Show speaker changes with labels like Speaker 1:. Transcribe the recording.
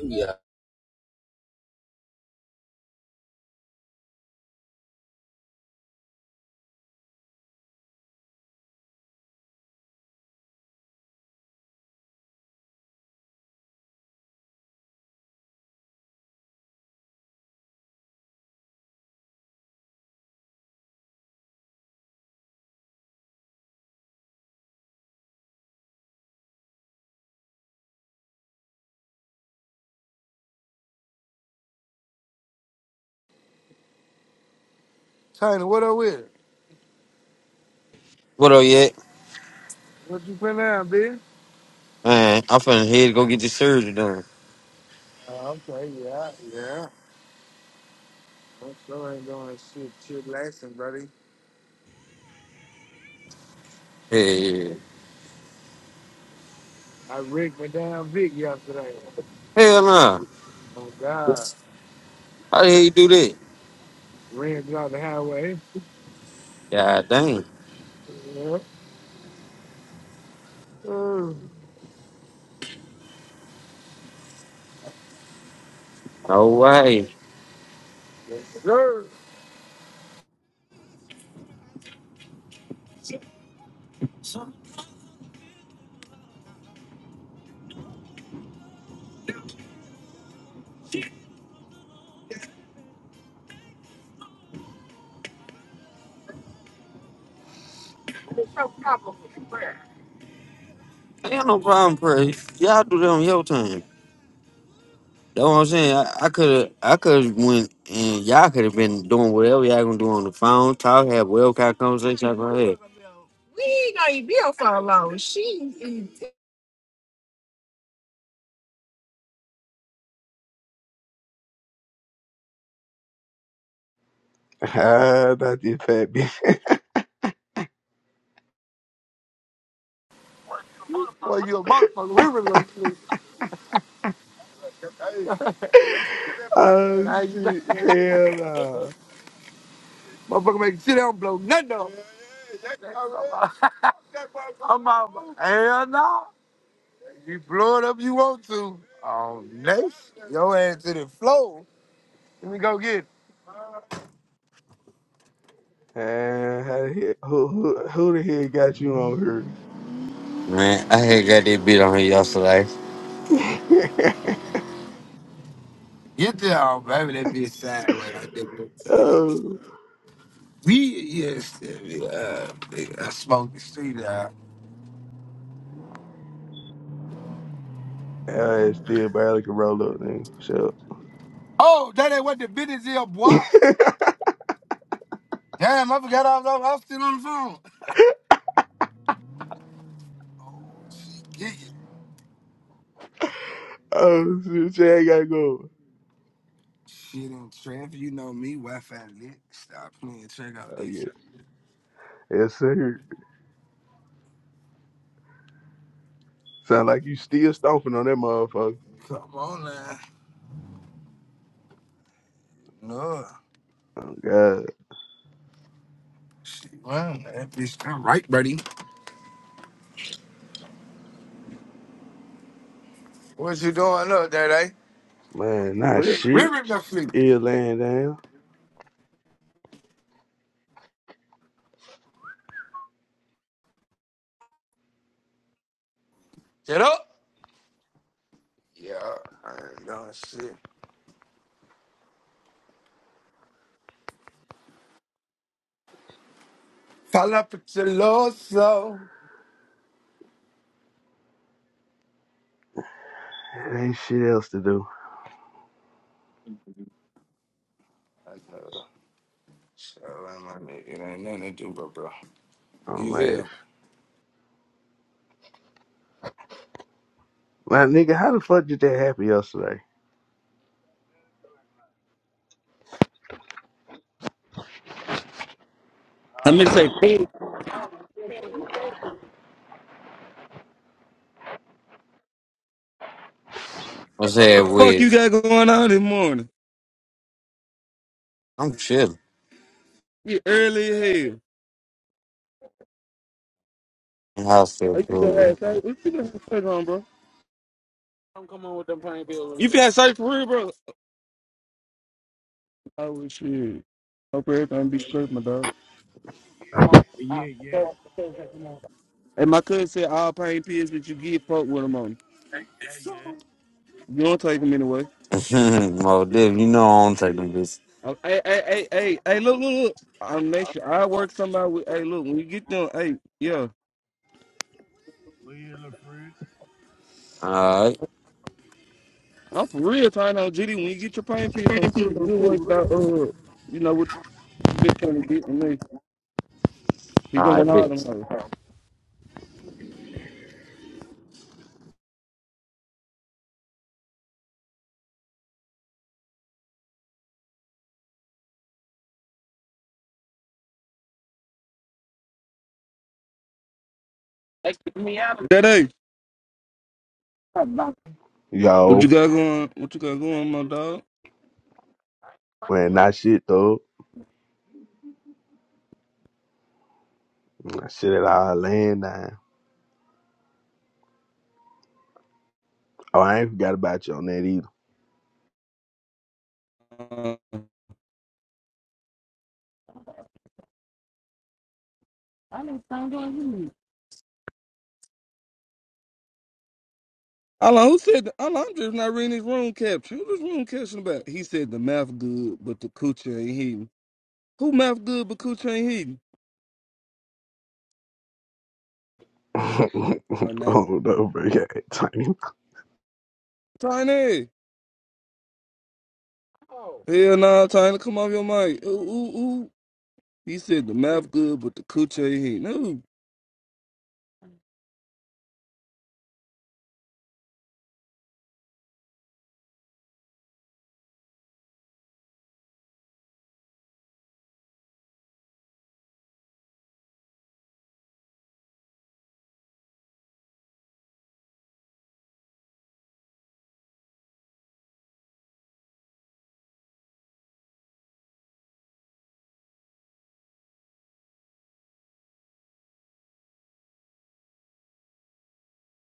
Speaker 1: Yeah.
Speaker 2: China, what up with? it?
Speaker 1: What up, yet?
Speaker 2: What you putting down, B?
Speaker 1: Man, I'm finna head to go get this surgery done.
Speaker 2: Oh, okay, yeah, yeah. I'm sure I ain't doing shit, chillaxing, buddy.
Speaker 1: Yeah, yeah.
Speaker 2: I rigged my damn Vic yesterday.
Speaker 1: Hell nah.
Speaker 2: Oh, God.
Speaker 1: How the hell you do that?
Speaker 2: Ran down the highway.
Speaker 1: God dang.
Speaker 2: Yeah. Mm.
Speaker 1: No way.
Speaker 2: Yes, sir.
Speaker 1: Ain't no problem, Prey. Y'all do that on your time. That's what I'm saying. I could have, I could have went and y'all could have been doing whatever y'all gonna do on the phone, talk, have whatever kind of conversation y'all gonna have. She ain't gonna even be on for long. She
Speaker 3: Ah, not the fat bitch.
Speaker 2: Boy, you a motherfucker. We really gonna sleep. Hey, get that money, man.
Speaker 3: Oh
Speaker 2: Nah, you like
Speaker 3: shit, hell no.
Speaker 2: Motherfucker make shit, I don't blow nothing up. Yeah, yeah, yeah. That's all right. Fuck that motherfucker. I'm out. Hell no. You blow it up you want to. Oh, next, your ass to the floor. Let me go get it.
Speaker 3: Man, how the hell- who, who, who the hell got you on her?
Speaker 1: Man, I had got that bit on her yesterday.
Speaker 2: Get there, oh, baby. That bitch sideways. I didn't say it.
Speaker 3: oh,
Speaker 2: We, yes, uh, uh, I smoked the street out.
Speaker 3: I still barely can roll up, nigga. So,
Speaker 2: Oh, that ain't what the business is, boy. Damn, I forgot I was, I was still on the phone. Oh, she get you.
Speaker 3: oh shit, Chad gotta go.
Speaker 2: Shit on traffic, you know me, Wi-Fi lit. Stop playing, check out
Speaker 3: Oh
Speaker 2: this.
Speaker 3: yeah,
Speaker 2: shit.
Speaker 3: yes sir. Sound like you still stomping on that motherfucker.
Speaker 2: Come on now. No.
Speaker 3: Oh god,
Speaker 2: Shit, well, that bitch, I'm right, buddy. What you doing up, Daddy?
Speaker 3: man, not shit.
Speaker 2: River the fleet.
Speaker 3: Still laying down.
Speaker 2: Get up. Yeah, I ain't doing shit. Fall up at your low so.
Speaker 3: Ain't shit else to do.
Speaker 2: I know. Shout out my nigga. It ain't nothing to do, but bro.
Speaker 3: Oh
Speaker 2: You feel
Speaker 3: man,
Speaker 2: me?
Speaker 3: my nigga, how the fuck did that happen yesterday?
Speaker 4: I'm gonna say,
Speaker 1: I said,
Speaker 4: what the fuck you
Speaker 1: "Which
Speaker 4: got going on this morning?
Speaker 1: I'm chilling
Speaker 4: You Early as hell.
Speaker 1: in the
Speaker 4: Oh, you done
Speaker 1: hospital.
Speaker 4: had surgery? What you done had surgery on, bro? You finna have surgery for real, bro? Oh well, shit. Hope everything be straight, my dog.
Speaker 5: Well, yeah, yeah.
Speaker 4: And my cousin said all pain pills that you get, fuck with them on.
Speaker 5: Say yeah.
Speaker 4: You don't take them anyway.
Speaker 1: Well, Div, you know I don't take them, bitch.
Speaker 4: Oh, Hey, hey, hey, hey, hey, look, look, look. I'm next year. I work somebody with, hey, look, when you get them, hey, yeah.
Speaker 1: All right.
Speaker 4: I'm for real trying on GD. When you get your pain pills on shit, you work out, uh, you know, what you been trying to get from me. He
Speaker 1: All right,
Speaker 4: going hard
Speaker 1: bitch.
Speaker 4: on her. They kicked me out of That hey, what you
Speaker 3: Yo.
Speaker 4: got going? What you got going, my dog?
Speaker 3: Man, not shit though. Not Shit at all laying down. Oh, I ain't forgot about you on that either.
Speaker 4: Uh, I need something doing you. Allah, who said? that- Allah, I'm just not reading his room caption. Who this room caption about? He said the mouth good, but the coochie ain't heating. Who mouth good, but coochie ain't heating? Oh, nah.
Speaker 3: oh no, bro. Yeah,
Speaker 4: Tiny. Hell nah, Tiny, come off your mic. Ooh, ooh, ooh. He said the mouth good, but the coochie ain't heating. Ooh.